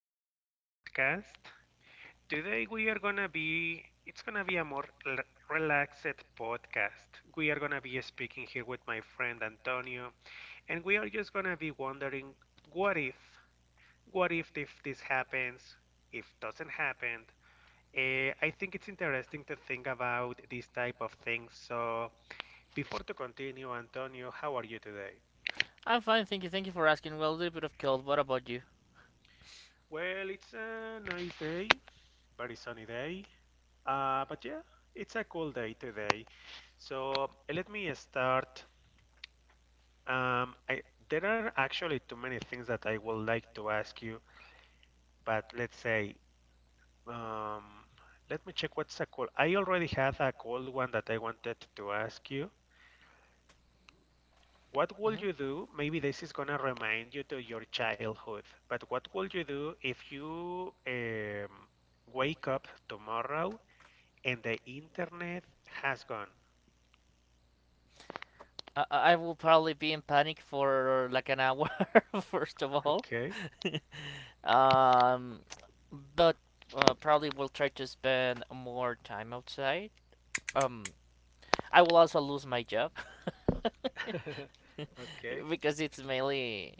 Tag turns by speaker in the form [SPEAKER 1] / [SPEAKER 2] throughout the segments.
[SPEAKER 1] to another podcast. Today we are gonna be it's gonna be a more relaxed podcast. We are gonna be speaking here with my friend Antonio, and we are just gonna be wondering what if, what if this happens, if doesn't happen. I think it's interesting to think about these type of things. So before to continue, Antonio, how are you today?
[SPEAKER 2] I'm fine, thank you. Thank you for asking. Well, a little bit of cold. What about you?
[SPEAKER 1] Well, it's a nice day, very sunny day. But yeah, it's a cool day today. So let me start. Um, I, there are actually too many things that I would like to ask you, but let's say, um, let me check what's a cool. I already had a cool one that I wanted to ask you. What would
[SPEAKER 2] Mhm.
[SPEAKER 1] you do? Maybe this is gonna remind you to your childhood, but what would you do if you wake up tomorrow and the internet has gone?
[SPEAKER 2] I will probably be in panic for like an hour, first of all.
[SPEAKER 1] Okay.
[SPEAKER 2] um, but probably will try to spend more time outside. Um, I will also lose my job
[SPEAKER 1] Okay.
[SPEAKER 2] because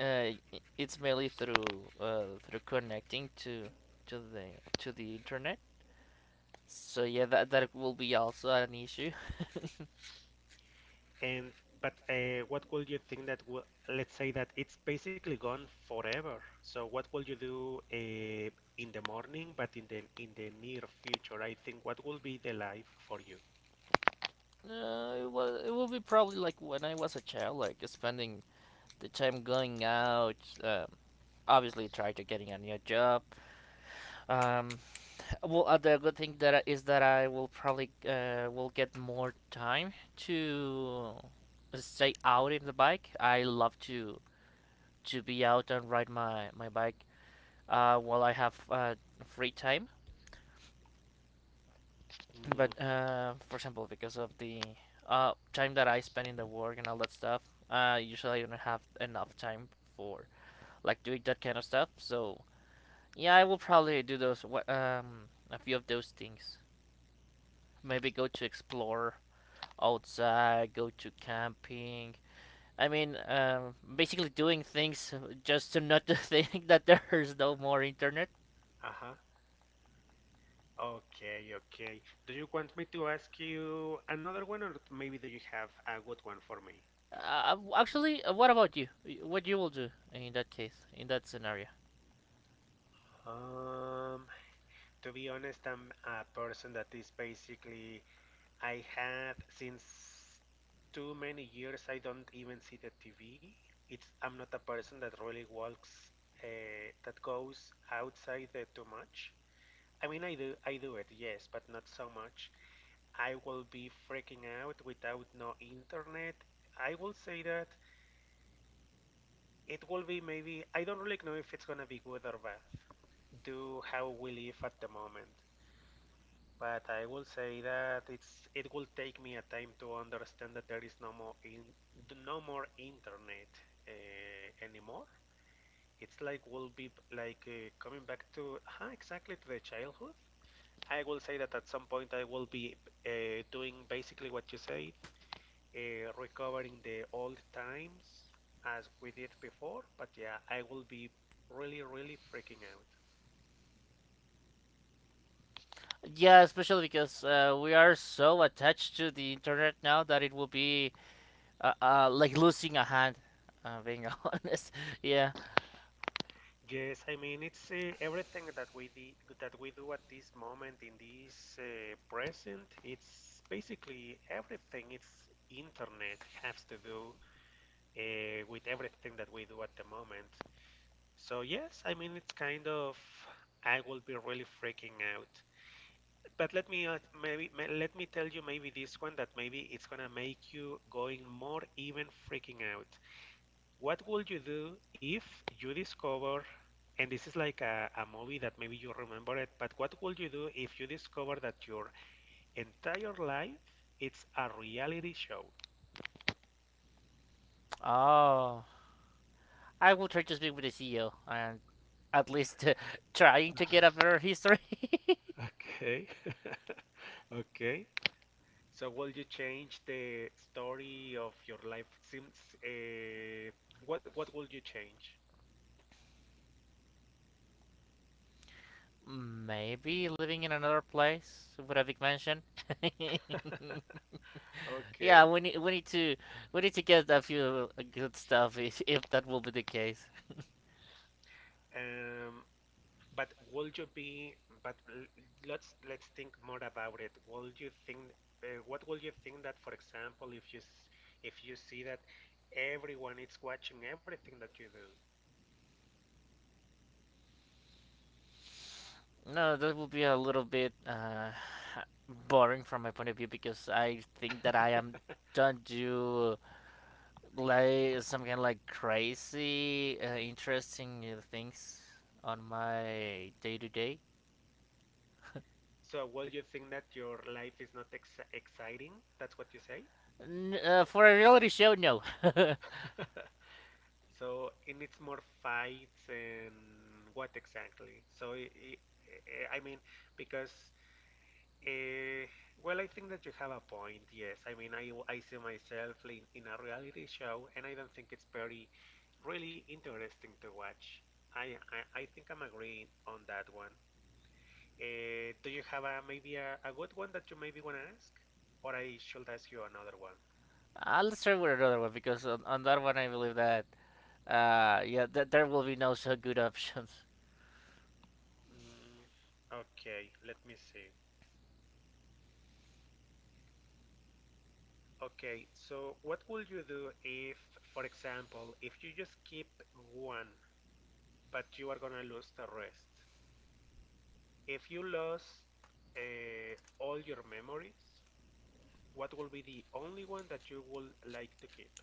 [SPEAKER 2] Uh, it's mainly through through connecting to to the to the internet. So yeah, that will be also an issue.
[SPEAKER 1] And but what would you think that will, let's say that it's basically gone forever. So what will you do in the morning, but in the near future? I think what will be the life for you?
[SPEAKER 2] It will be probably like when I was a child, like spending the time going out. Um, obviously try to getting a new job. Um, well, other good thing that is that I will probably will get more time to stay out in the bike. I love to be out and ride my bike while I have free time.
[SPEAKER 1] Mm,
[SPEAKER 2] But for example, because of the time that I spend in the work and all that stuff, usually I don't have enough time for like doing that kind of stuff. So yeah, I will probably do those a few of those things. Maybe go to explore outside, go to camping. I mean, basically doing things just to not to think that there's no more internet.
[SPEAKER 1] uh-huh. Okay, okay. Do you want me to ask you another one, or maybe do you have a good one for me?
[SPEAKER 2] Actually, what about you? What you will do in that case, in that scenario?
[SPEAKER 1] Um, to be honest, I'm a person that is basically I had since too many years I don't even see the TV. It's I'm not a person that really walks that goes outside too much. I mean I do it yes, but not so much. I will be freaking out without no internet. I will say that it will be maybe I don't really know if it's gonna be good or bad. Do how we live at the moment. But I will say that it's it will take me a time to understand that there is no more internet anymore. It's like will be like coming back to exactly to the childhood. I will say that at some point I will be doing basically what you said, recovering the old times as we did before. But yeah, I will be really freaking out.
[SPEAKER 2] Yeah, especially because we are so attached to the internet now that it will be like losing a hand. Being honest, yeah.
[SPEAKER 1] Yes, I mean it's everything that we di that we do at this moment in this present. It's basically everything. It's internet has to do with everything that we do at the moment. So yes, I mean it's kind of I will be really freaking out. But let me let me tell you maybe this one that maybe it's gonna make you going more even freaking out. What would you do if you discover, and this is like a movie that maybe you remember it, but what would you do if you discover that your entire life it's a reality show?
[SPEAKER 2] Oh, I will try to speak with the CEO and at least trying to get
[SPEAKER 1] Uh-huh.
[SPEAKER 2] a better history.
[SPEAKER 1] Okay. Okay. So will you change the story of your life? Seems, uh, what will you change?
[SPEAKER 2] Maybe living in another place with a big mansion. Yeah,
[SPEAKER 1] Okay.
[SPEAKER 2] we need to get a few good stuff if that will be the case.
[SPEAKER 1] Um, But would you be, but let's think more about it. Would you think, what would you think that, for example, if if you see that everyone is watching everything that you do,
[SPEAKER 2] No, that will be a little bit boring from my point of view because I think that I am don't do like some kind of like crazy interesting things on my day to day.
[SPEAKER 1] so would you think that your life is not ex exciting? That's what you say?
[SPEAKER 2] For a reality show, no.
[SPEAKER 1] So, and it's more fights and what exactly? So, I mean, because Uh, well, I think that you have a point. Yes, I mean, I see myself in a reality show, and I don't think it's very, really interesting to watch. I think I'm agreeing on that one. Do you have maybe a good one that you maybe want to ask? Or I should ask you another one?
[SPEAKER 2] Let's start with another one because on that one I believe that yeah there will be no so good options.
[SPEAKER 1] Mm, okay, let me see. Okay, so what would you do if, for example, if you just keep one, but you are gonna lose the rest? If you lost all your memories, what will be the only one that you would like to keep?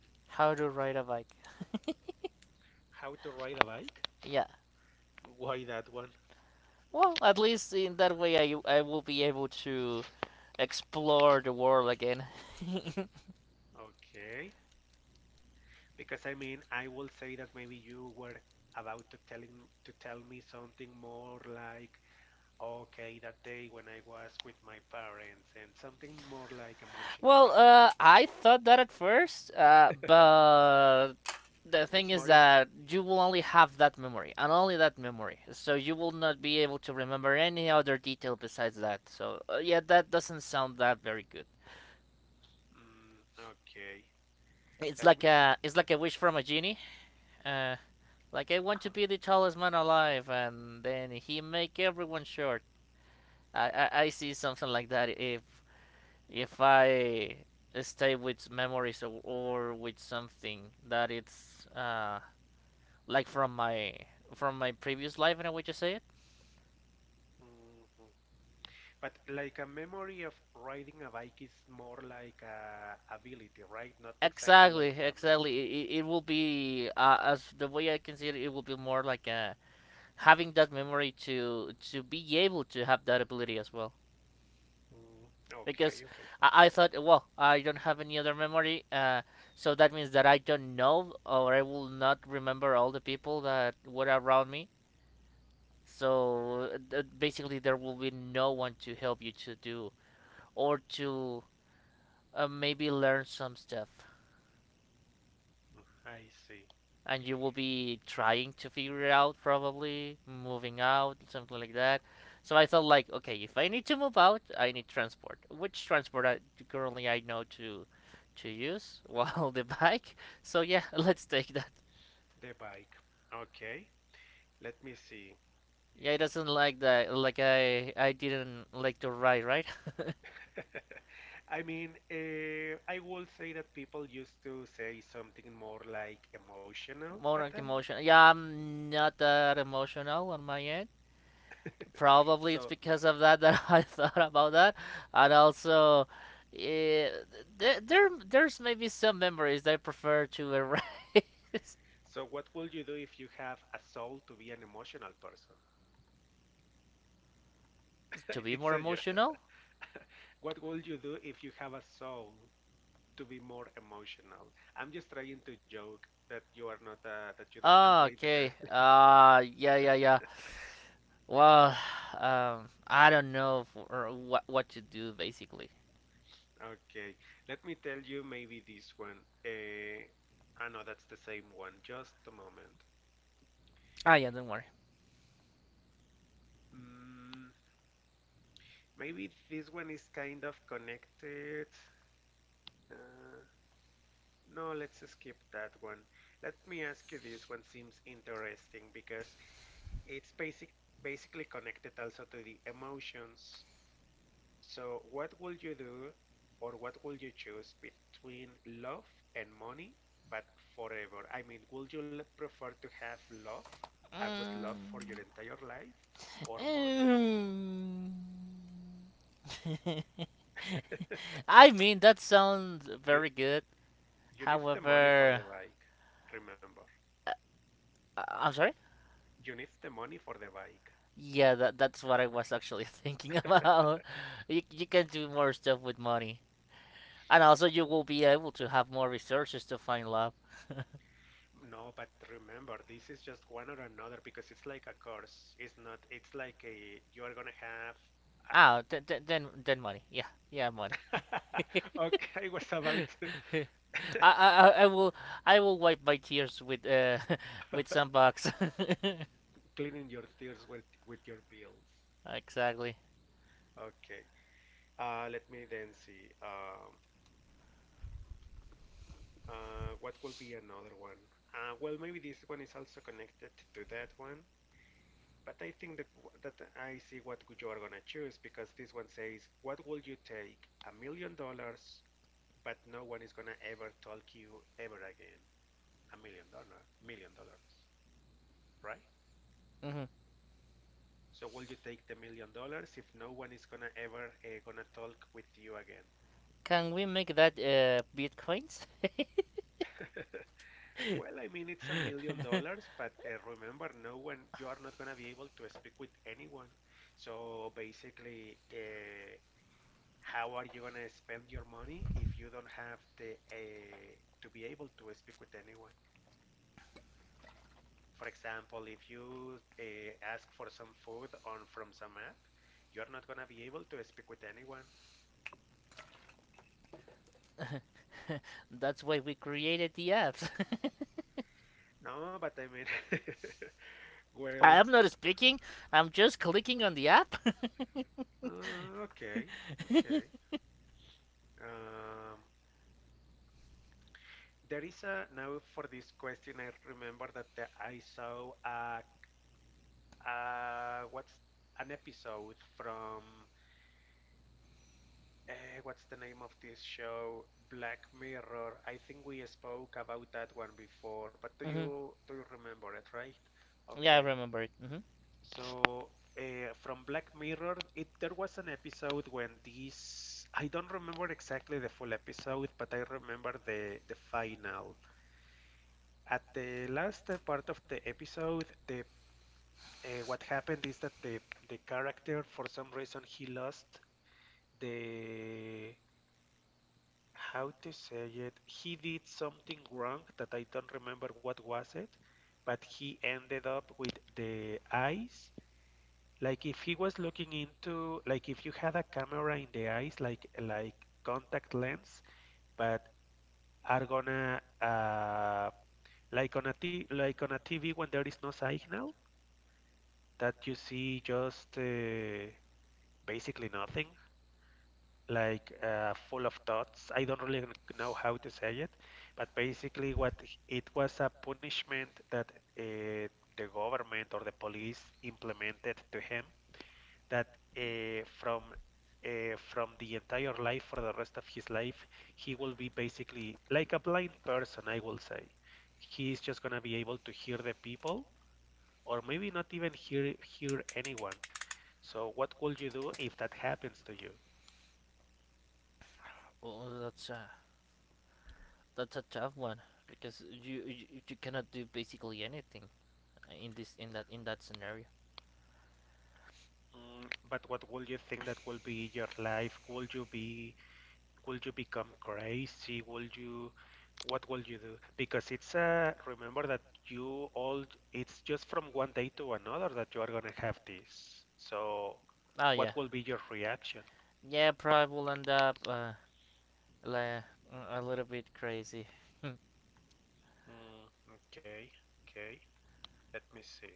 [SPEAKER 2] How to ride a bike.
[SPEAKER 1] How to ride a bike?
[SPEAKER 2] Yeah.
[SPEAKER 1] Why that one?
[SPEAKER 2] Well, at least in that way, I will be able to explore the world again.
[SPEAKER 1] Okay. Because I mean, I will say that maybe you were about to tell me something more like, okay, that day when I was with my parents and something more like emotional,
[SPEAKER 2] Well,
[SPEAKER 1] right?
[SPEAKER 2] I thought that at first, but the
[SPEAKER 1] It's
[SPEAKER 2] thing
[SPEAKER 1] more
[SPEAKER 2] is
[SPEAKER 1] im-
[SPEAKER 2] that you will only have that memory and only that memory, so you will not be able to remember any other detail besides that. So yeah, that doesn't sound that very good.
[SPEAKER 1] mm, okay. Let me.
[SPEAKER 2] It's like a wish from a genie. Uh, like I want
[SPEAKER 1] Uh-huh.
[SPEAKER 2] to be the tallest man alive, and then he make everyone short. I see something like that if I stay with memories or with something that it's like from my previous life, and I would just say it.
[SPEAKER 1] Mhm. But like a memory of riding a bike is more like a ability, right? Not exactly
[SPEAKER 2] Exactly,
[SPEAKER 1] like a memory.
[SPEAKER 2] exactly. It will be as the way I can see it. It will be more like having that memory to be able to have that ability as well.
[SPEAKER 1] Mm, okay,
[SPEAKER 2] Because
[SPEAKER 1] okay.
[SPEAKER 2] I thought, well, I don't have any other memory, so that means that I don't know or I will not remember all the people that were around me. So basically, there will be no one to help you to do or to maybe learn some stuff.
[SPEAKER 1] Mm, I see.
[SPEAKER 2] And you will be trying to figure it out, probably moving out, something like that. So I thought, like, okay, if I need to move out, I need transport. Currently I know to use? Well, the bike. So yeah, let's take that.
[SPEAKER 1] The bike. Okay. Let me see.
[SPEAKER 2] Yeah, it doesn't like that. Like I didn't like to ride, right?
[SPEAKER 1] I mean, I will say that people used to say something more like emotional, but
[SPEAKER 2] More like
[SPEAKER 1] um,
[SPEAKER 2] emotional. Yeah, I'm not that emotional on my end. Probably it's
[SPEAKER 1] so
[SPEAKER 2] because of that I thought about that, and also, eh, there's maybe some memories that I prefer to erase
[SPEAKER 1] what would you do if you have a soul to be an emotional person?
[SPEAKER 2] to be
[SPEAKER 1] It's
[SPEAKER 2] more
[SPEAKER 1] a yeah.
[SPEAKER 2] emotional.
[SPEAKER 1] What would you do if you have a soul to be more emotional. I'm just trying to joke that you are not that you don't. I'm
[SPEAKER 2] Ah,
[SPEAKER 1] trying to tell.
[SPEAKER 2] okay. Yeah, yeah, yeah. Well, I don't know if, or what to do basically.
[SPEAKER 1] Okay, let me tell you maybe this one. I know that's the same one. Just a moment.
[SPEAKER 2] Ah, yeah, don't worry.
[SPEAKER 1] Mm, maybe this one is kind of connected. Uh, no, let's skip that one. Let me ask you this one seems interesting because it's basically connected also to the emotions. So, what would you do or what would you choose between love and money, but forever? I mean, would prefer to have love, a good love
[SPEAKER 2] Mm.
[SPEAKER 1] for your entire life, or money?
[SPEAKER 2] Mm. I mean, that sounds
[SPEAKER 1] You,
[SPEAKER 2] very good.
[SPEAKER 1] you need the money for the
[SPEAKER 2] However,
[SPEAKER 1] bike, remember.
[SPEAKER 2] I'm sorry.
[SPEAKER 1] You need the money for the bike.
[SPEAKER 2] Yeah, that that's what I was actually thinking about. You can do more stuff with money, and also you will be able to have more resources to find love.
[SPEAKER 1] No, but remember, this is just one or another because it's like a curse. It's not, it's like you are gonna
[SPEAKER 2] Then then money. Yeah, yeah, money.
[SPEAKER 1] have. A- Okay, I was about to.
[SPEAKER 2] I, I will wipe my tears with with some bucks.
[SPEAKER 1] Cleaning your stairs with your bills.
[SPEAKER 2] Exactly.
[SPEAKER 1] Okay. Let me then see. What will be another one? Well, maybe this one is also connected to that one, but I think that that I see what you are gonna choose because this one says, "What will you take? $1 million, but no one is gonna ever talk you ever again. $1 million, right?
[SPEAKER 2] Hmm.
[SPEAKER 1] So will you take the $1 million if no one is gonna ever gonna talk with you again?"
[SPEAKER 2] Can we make that bitcoins?
[SPEAKER 1] Well, I mean, it's a million dollars, but remember, no one, you are not going to be able to speak with anyone. So basically, how are you going to spend your money if you don't have the to be able to speak with anyone? For example, if you ask for some food on from some app, you're not going to be able to speak with anyone.
[SPEAKER 2] That's why we created the apps.
[SPEAKER 1] No, but I mean, well,
[SPEAKER 2] I'm not speaking. I'm just clicking on the app.
[SPEAKER 1] okay, okay. Um, There is a now for this question. I remember that the, I saw what's an episode from uh, what's the name of this show? Black Mirror. I think we spoke about that one before, but
[SPEAKER 2] Hmm.
[SPEAKER 1] do you remember it, right?
[SPEAKER 2] Yeah, I
[SPEAKER 1] Okay.
[SPEAKER 2] remember it. Hmm.
[SPEAKER 1] So from Black Mirror, it there was an episode when this I don't remember exactly the full episode, but I remember the final. At the last part of the episode, the what happened is that the character for some reason he lost the how to say it he did something wrong that I don't remember what was it, but he ended up with the eyes like if he was looking into, like if you had a camera in the eyes, like contact lens, but are gonna like on like on a TV when there is no signal that you see just basically nothing, like full of thoughts. I don't really know how to say it, but basically, what it was a punishment that uh, the government or the police implemented to him that uh, from from the entire life for the rest of his life, he will be basically like a blind person, I will say. He is just gonna be able to hear the people, or maybe not even hear anyone. So, what will you do if that happens to you?
[SPEAKER 2] Oh, that's a tough one because you cannot do basically anything in that scenario.
[SPEAKER 1] Mm, but what would you think that will be your life? Would you be, would you become crazy? Would you, what will you do? Because it's a, remember that you all, it's just from one day to another that you are gonna have this. So,
[SPEAKER 2] Oh yeah,
[SPEAKER 1] what will be your reaction?
[SPEAKER 2] yeah. Probably will end up like a little bit crazy.
[SPEAKER 1] Mm, okay, okay. Let me see.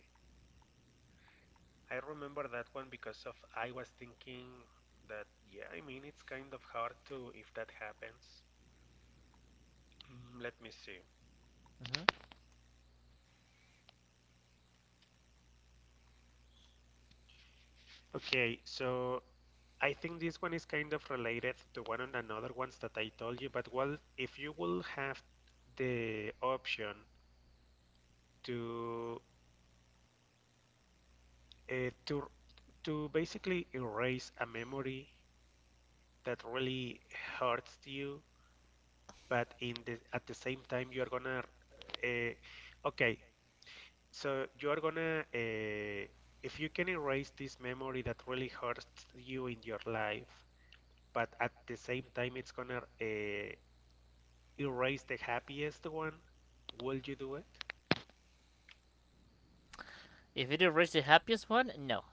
[SPEAKER 1] I remember that one because of I was thinking that, yeah, I mean, it's kind of hard to if that happens. Mm, let me see.
[SPEAKER 2] Hmm.
[SPEAKER 1] Okay, so I think this one is kind of related to one of another ones that I told you, but well, if you will have the option to uh, to to basically erase a memory that really hurts you, but in the at the same time you're gonna uh, okay, you're gonna if you can erase this memory that really hurts you in your life, but at the same time it's gonna erase the happiest one, will you do it?
[SPEAKER 2] If it erased the happiest one, no.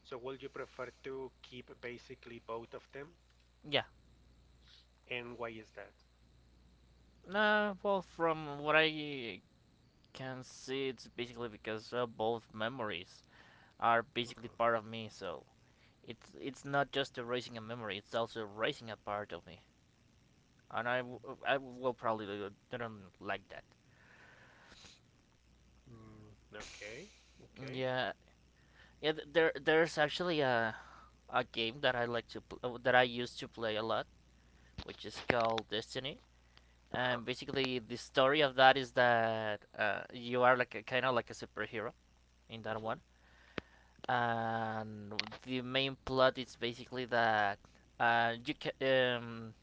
[SPEAKER 1] So will you prefer to keep basically both of them?
[SPEAKER 2] Yeah.
[SPEAKER 1] And why is that?
[SPEAKER 2] No. Well, from what I can see, it's basically because both memories are basically part
[SPEAKER 1] Mm-hmm.
[SPEAKER 2] of me. So it's not just erasing a memory; it's also erasing a part of me, and I will probably not like that.
[SPEAKER 1] Mm, okay, okay.
[SPEAKER 2] Yeah, yeah. There there's actually a game that I like to that I used to play a lot, which is called Destiny.
[SPEAKER 1] Uh-huh.
[SPEAKER 2] And basically, the story of that is that you are like a kind of like a superhero in that
[SPEAKER 1] Hmm.
[SPEAKER 2] one, and the main plot is basically that you can um,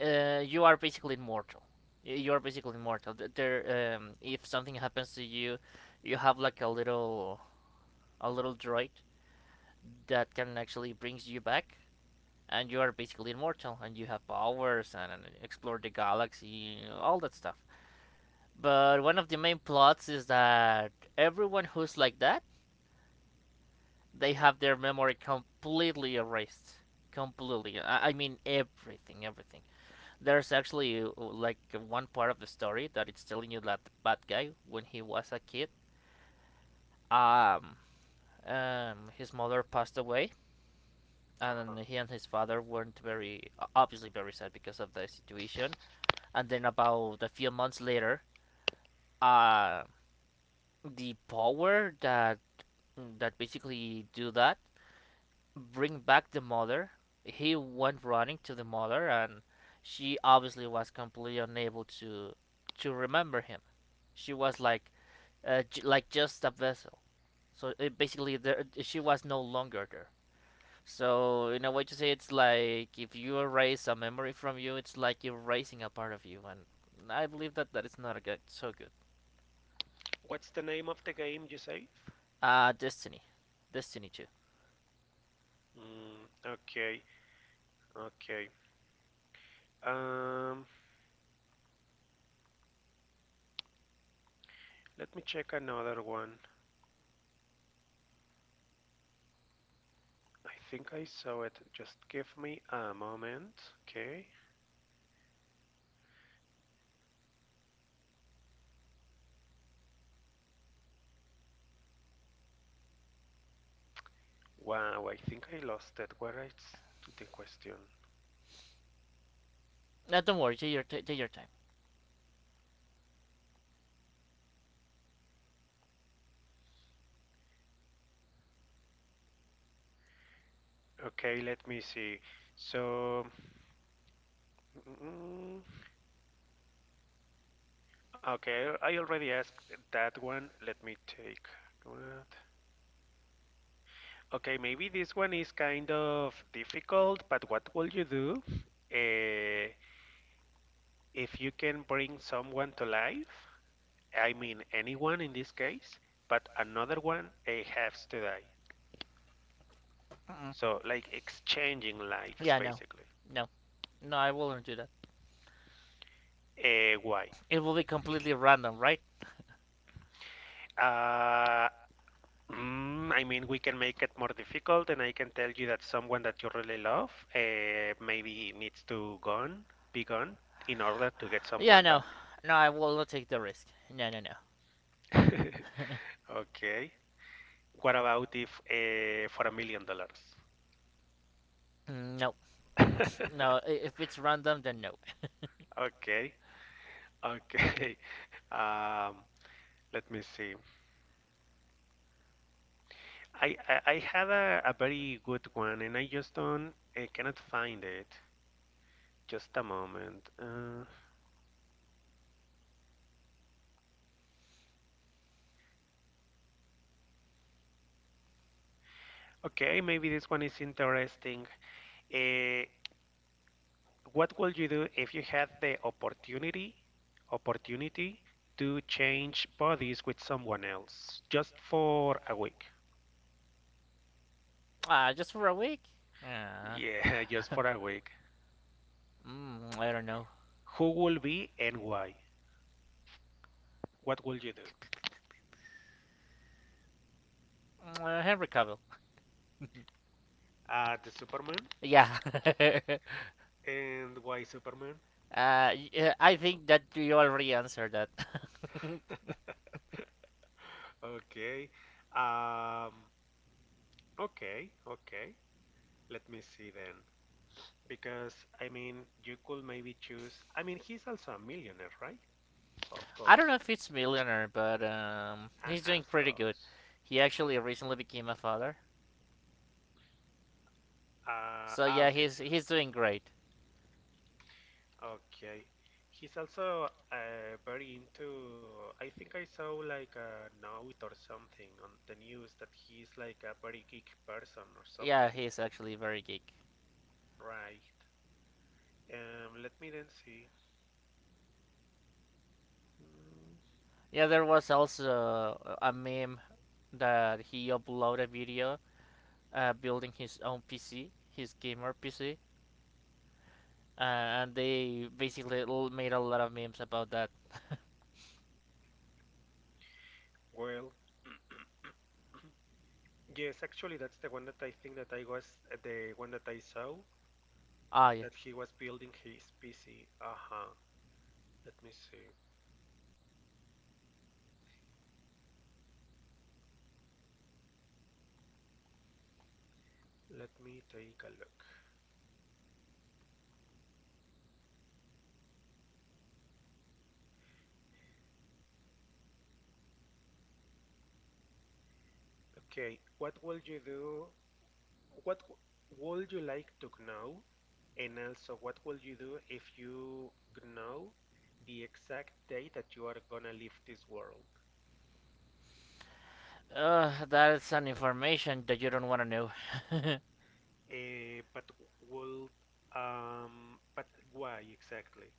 [SPEAKER 2] you are basically immortal. You are basically immortal. There, if something happens to you, you have like a little droid that can actually brings you back, and you are basically immortal, and you have powers and explore the galaxy, all that stuff. But one of the main plots is that everyone who's like that, they have
[SPEAKER 1] Hmm.
[SPEAKER 2] their memory completely erased, completely. I mean everything, everything. There's actually like one part of the story that it's telling you that the bad guy, when he was a kid, um, his mother passed away,
[SPEAKER 1] Uh-huh.
[SPEAKER 2] and he and his father weren't very obviously very sad because of the situation. And then about a few months later, uh, the power that that basically do that bring back the mother. He went running to the mother, and she obviously was completely unable to remember him. She was like like just a vessel. So it basically, there she was no longer there. So in a way to say, it's like if you erase a memory from you, it's like erasing a part of you, and I believe that that is not a good, so good.
[SPEAKER 1] What's the name of the game you save?
[SPEAKER 2] Destiny, Destiny too.
[SPEAKER 1] Mm, okay, okay. Um, Let me check another one. I think I saw it. Just give me a moment. Okay. Wow, I think I lost it. Where is the question?
[SPEAKER 2] No, don't worry. Take your take your time.
[SPEAKER 1] Okay, let me see. So, mm, okay, I already asked that one. Let me take that. Okay, maybe this one is kind of difficult, but what will you do uh, if you can bring someone to life? I mean, anyone in this case, but another one has to die. So, like exchanging lives,
[SPEAKER 2] Yeah, no,
[SPEAKER 1] basically.
[SPEAKER 2] no, no. I will not do that.
[SPEAKER 1] Why?
[SPEAKER 2] It will be completely random, right?
[SPEAKER 1] Uh, I mean, we can make it more difficult, and I can tell you that someone that you really love maybe needs to gone, be gone in order to get
[SPEAKER 2] Yeah,
[SPEAKER 1] someone
[SPEAKER 2] no,
[SPEAKER 1] back.
[SPEAKER 2] no. I will not take the risk. No, no, no.
[SPEAKER 1] Okay. What about if for $1 million?
[SPEAKER 2] Mm, no, no. If it's random, then no.
[SPEAKER 1] Okay. Okay. Um, Let me see. I had a very good one, and I cannot find it. Just a moment. Okay, maybe this one is interesting. Uh, What would you do if you had the opportunity to change bodies with someone else just for a week?
[SPEAKER 2] Ah, just for a week. Ah, uh.
[SPEAKER 1] Yeah, just for a week.
[SPEAKER 2] Mm, I don't know.
[SPEAKER 1] Who will be and why? What will you do?
[SPEAKER 2] Henry Cavill.
[SPEAKER 1] The Superman.
[SPEAKER 2] Yeah.
[SPEAKER 1] And why Superman?
[SPEAKER 2] Yeah, I think that you already answered that.
[SPEAKER 1] Okay. Um, okay, okay. Let me see then. Because, I mean, you could maybe choose. I mean, he's also a millionaire, right? Of
[SPEAKER 2] I don't
[SPEAKER 1] course.
[SPEAKER 2] know if it's Millionaire, but he's
[SPEAKER 1] Of
[SPEAKER 2] doing pretty good.
[SPEAKER 1] course.
[SPEAKER 2] He actually recently became a father. So
[SPEAKER 1] Ah,
[SPEAKER 2] yeah,
[SPEAKER 1] okay. Uh-huh.
[SPEAKER 2] he's doing great.
[SPEAKER 1] Okay. He's also very into. I think I saw like a note or something on the news that he's like a very geek person or
[SPEAKER 2] Yeah,
[SPEAKER 1] something,
[SPEAKER 2] he's actually very geek.
[SPEAKER 1] right? Let me then see. Mm,
[SPEAKER 2] Yeah, there was also a meme that he uploaded a video building his own PC, his gamer PC, and they basically made a lot of memes about that.
[SPEAKER 1] Well, yes, actually, that's the one that I think that I was the one that I saw
[SPEAKER 2] Ah, yeah.
[SPEAKER 1] that he was building his PC. Uh huh. Let me see. Let me take a look. Okay, what will you do What w- Would you like to know? And also, what will you do if you know the exact day that you are gonna leave this world?
[SPEAKER 2] That's an information that you don't want to know.
[SPEAKER 1] Eh, but will but why exactly?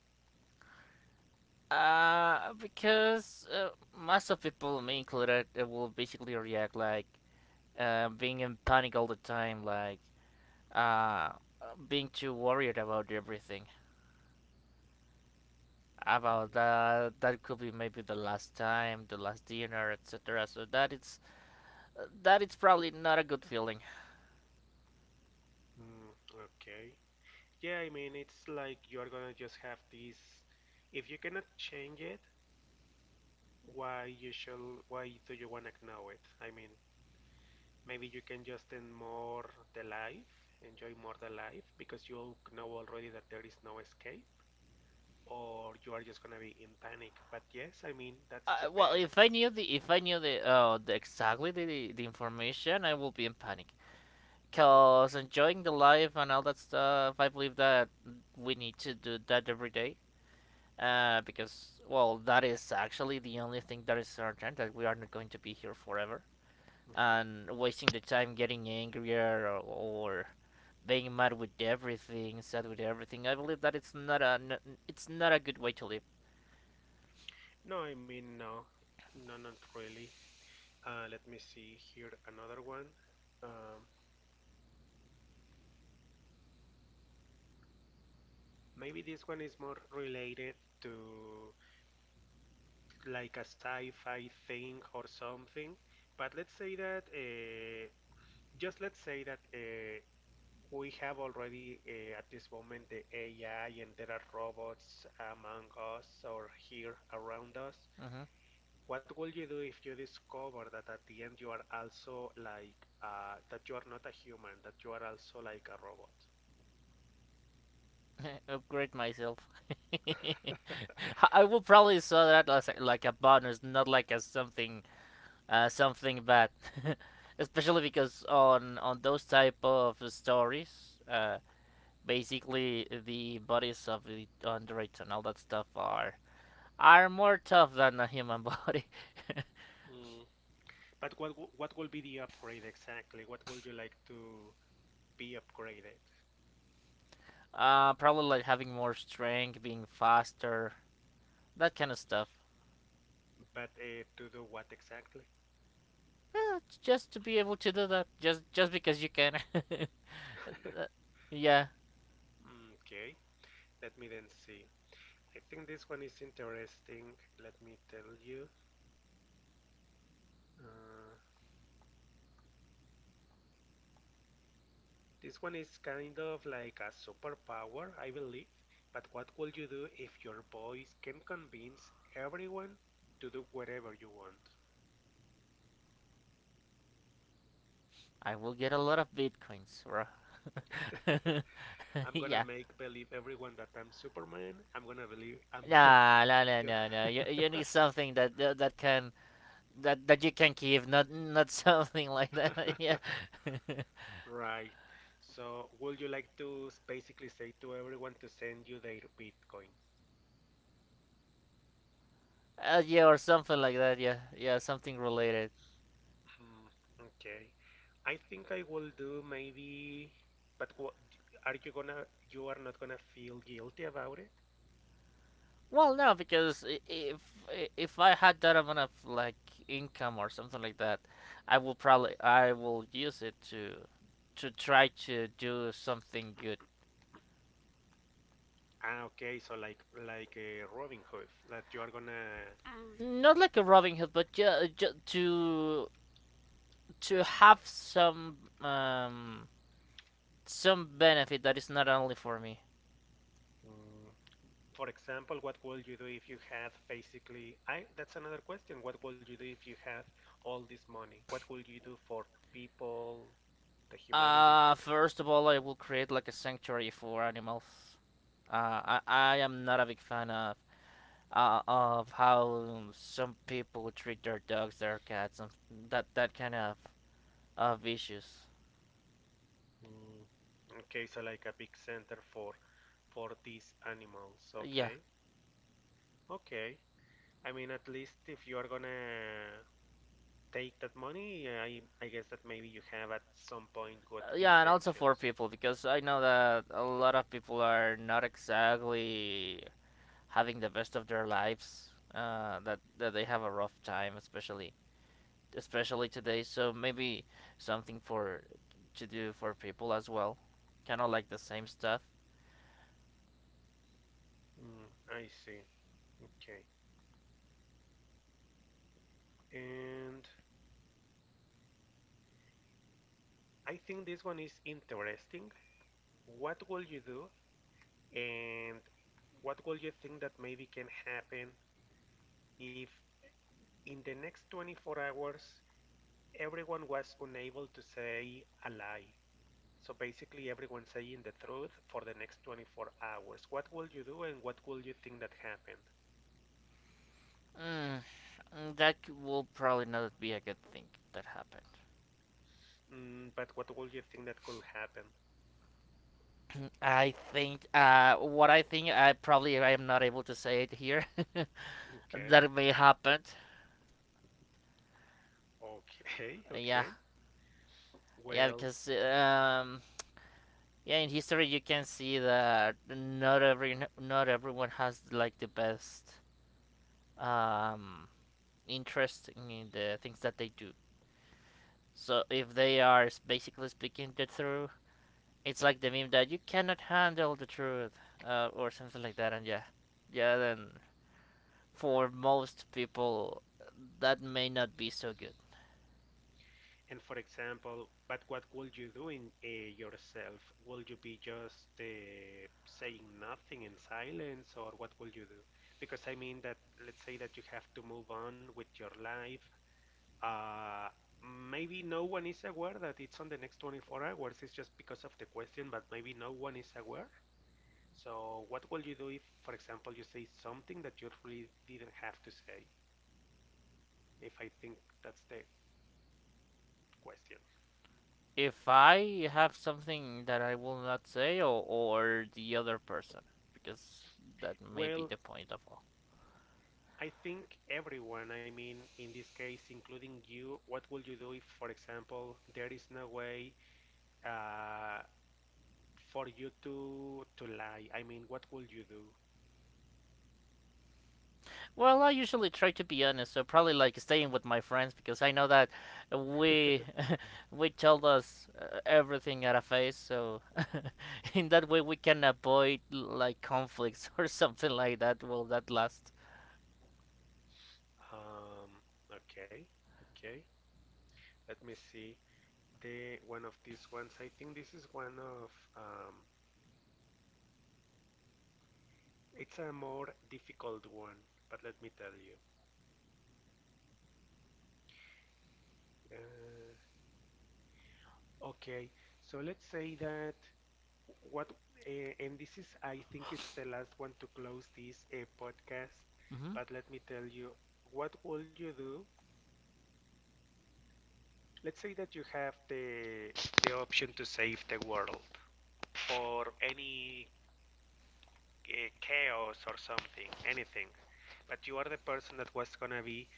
[SPEAKER 2] Because most of people, me included, will basically react like being in panic all the time, like uh, being too worried about everything. About
[SPEAKER 1] Mm,
[SPEAKER 2] that, that could be maybe the last time, the last dinner, etc. So that it's probably not a good feeling.
[SPEAKER 1] Mm, okay. Yeah, I mean, it's like you're gonna just have this. If you cannot change it, why you shall? Why do you wanna know it? I mean, maybe you can just end more the life, enjoy more the life, because you know already that there is no escape, or you are just gonna be in panic. But yes, I mean, that
[SPEAKER 2] Well,
[SPEAKER 1] depends.
[SPEAKER 2] if I knew the exactly the information, I will be in panic. Cause
[SPEAKER 1] Mhm.
[SPEAKER 2] enjoying the life and all that stuff, I believe that we need to do that every day. Because well, that is actually the only thing that is certain that we are not going to be here forever.
[SPEAKER 1] Mhm.
[SPEAKER 2] And wasting the time getting angrier or being mad with everything, sad with everything, I believe that it's not a good way to live.
[SPEAKER 1] No, I mean, no, no, not really. Let me see here another one. Um, Maybe this one is more related to like a sci-fi thing or something. But let's say that just let's say that we have already at this moment the AI and there are robots among us or here around us.
[SPEAKER 2] Hmm.
[SPEAKER 1] What will you do if you discover that at the end you are also like that you are not a human, that you are also like a robot?
[SPEAKER 2] Upgrade myself. I will probably saw that as like a bonus, not like as something something bad, especially because on those type of stories, basically the bodies of the androids and all that stuff are more tough than a human body.
[SPEAKER 1] Mm. But what will be the upgrade exactly? What would you like to be upgraded?
[SPEAKER 2] Uh, probably like having more strength, being faster, that kind of stuff.
[SPEAKER 1] But to do what exactly?
[SPEAKER 2] Yeah, just to be able to do that, just because you can. Yeah,
[SPEAKER 1] Mm, okay, let me then see. I think this one is interesting. Let me tell you. Uh, This one is kind of like a superpower, I believe, but what would you do if your voice can convince everyone to do whatever you want?
[SPEAKER 2] I will get a lot of bitcoins, bro.
[SPEAKER 1] I'm gonna
[SPEAKER 2] Yeah.
[SPEAKER 1] make believe everyone that I'm Superman. I'm gonna believe I'm gonna
[SPEAKER 2] Nah, no, no, no, no. You need something that can that you can keep, not not something like that. Yeah,
[SPEAKER 1] Right. So, would you like to basically say to everyone to send you their bitcoins?
[SPEAKER 2] yeah, or something like that. Yeah, yeah, something related.
[SPEAKER 1] Hmm, okay. I think I will do maybe, but are you gonna, you are not gonna feel guilty about it?
[SPEAKER 2] Well, no, because if I had that amount of like income or something like that, I will use it to try to do something good.
[SPEAKER 1] Ah, okay. So like Robin Hood, that you are gonna.
[SPEAKER 2] Not like a Robin Hood, but to have some benefit that is not only for me.
[SPEAKER 1] mm, for example, what would you do if you had basically? I that's another question. What would you do if you had all this money? What would you do for people, the humanity?
[SPEAKER 2] First of all, I will create like a sanctuary for animals. I am not a big fan of how some people treat their dogs, their cats, and that kind of issues.
[SPEAKER 1] Mm, okay, so like a big center for these animals.
[SPEAKER 2] Yeah,
[SPEAKER 1] Okay, okay. I mean, at least if you are gonna take that money, I guess that maybe you have at some point good
[SPEAKER 2] yeah, and also for
[SPEAKER 1] intentions.
[SPEAKER 2] people because I know that a lot of people are not exactly having the best of their lives. That they have a rough time, especially especially today. So maybe something for to do for people as well, kind of like the same stuff.
[SPEAKER 1] Mm, I see. Okay. And I think this one is interesting. What will you do and what will you think that maybe can happen if in the next 24 hours everyone was unable to say a lie? So basically everyone saying the truth for the next 24 hours. What will you do and what will you think that happened?
[SPEAKER 2] Mm, mm, that will probably not be a good thing that happened.
[SPEAKER 1] Mm, but what will you think that could happen?
[SPEAKER 2] I think I probably I am not able to say it here.
[SPEAKER 1] Okay.
[SPEAKER 2] That may happen.
[SPEAKER 1] Okay.
[SPEAKER 2] Yeah,
[SPEAKER 1] Okay.
[SPEAKER 2] yeah,
[SPEAKER 1] Well,
[SPEAKER 2] because yeah, in history you can see that not everyone has like the best um interest in the things that they do. So if they are basically speaking the truth, it's like the meme that you cannot handle the truth, or something like that. And yeah, yeah. Then for most people, that may not be so good.
[SPEAKER 1] and for example, but what would you do in yourself? Would you be just saying nothing in silence, or what will you do? Because I mean that let's say that you have to move on with your life. Uh, Maybe no one is aware that it's on the next 24 hours. It's just because of the question, but maybe no one is aware. So what will you do if, for example, you say something that you really didn't have to say? If I think that's the question.
[SPEAKER 2] If I have something that I will not say, or the other person, because that may be
[SPEAKER 1] Well,
[SPEAKER 2] the point of all.
[SPEAKER 1] I think everyone, I mean, in this case, including you, what would you do if, for example, there is no way uh, for you to lie? I mean, what would you do?
[SPEAKER 2] Well, I usually try to be honest, so probably like staying with my friends because I know that we we tell us everything at a face, so in that way we can avoid like conflicts or something like that. Will that last?
[SPEAKER 1] Um, okay, okay. Let me see the one of these ones. I think this is one of um, it's a more difficult one, but let me tell you. Uh, Okay, so let's say that what, uh, and this is, I think it's the last one to close this podcast,
[SPEAKER 2] Mm-hmm.
[SPEAKER 1] but let me tell you, what will you do? Let's say that you have the option to save the world or any chaos or something, anything, but you are the person that was gonna be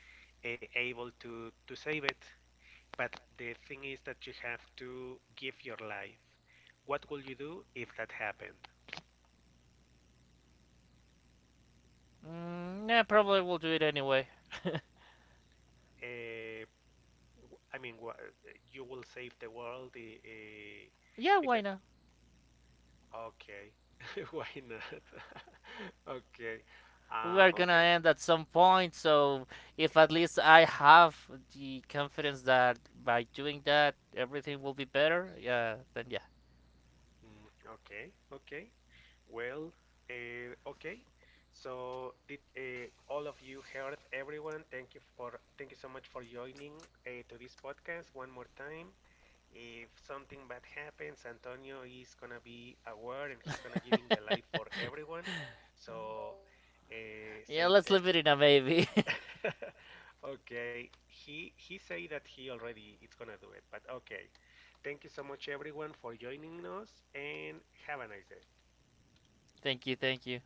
[SPEAKER 1] able to save it. But the thing is that you have to give your life. What will you do if that happened?
[SPEAKER 2] Mm, yeah, probably we'll do it anyway.
[SPEAKER 1] Uh, I mean, you will save the world
[SPEAKER 2] Yeah, why
[SPEAKER 1] because
[SPEAKER 2] not?
[SPEAKER 1] okay, why not? Okay,
[SPEAKER 2] We're gonna
[SPEAKER 1] okay.
[SPEAKER 2] end at some point, so if at least I have the confidence that by doing that everything will be better, yeah, then
[SPEAKER 1] Mm, okay, okay. Well, okay. So did all of you heard everyone? Thank you so much for joining to this podcast one more time. If something bad happens, Antonio is gonna be aware and he's gonna giving the
[SPEAKER 2] yeah.
[SPEAKER 1] life for everyone. So
[SPEAKER 2] Yeah,
[SPEAKER 1] say
[SPEAKER 2] let's
[SPEAKER 1] th
[SPEAKER 2] live it in a baby.
[SPEAKER 1] Okay, he say that he already it's gonna do it, but okay. Thank you so much everyone for joining us and have a nice day.
[SPEAKER 2] Thank you, thank you.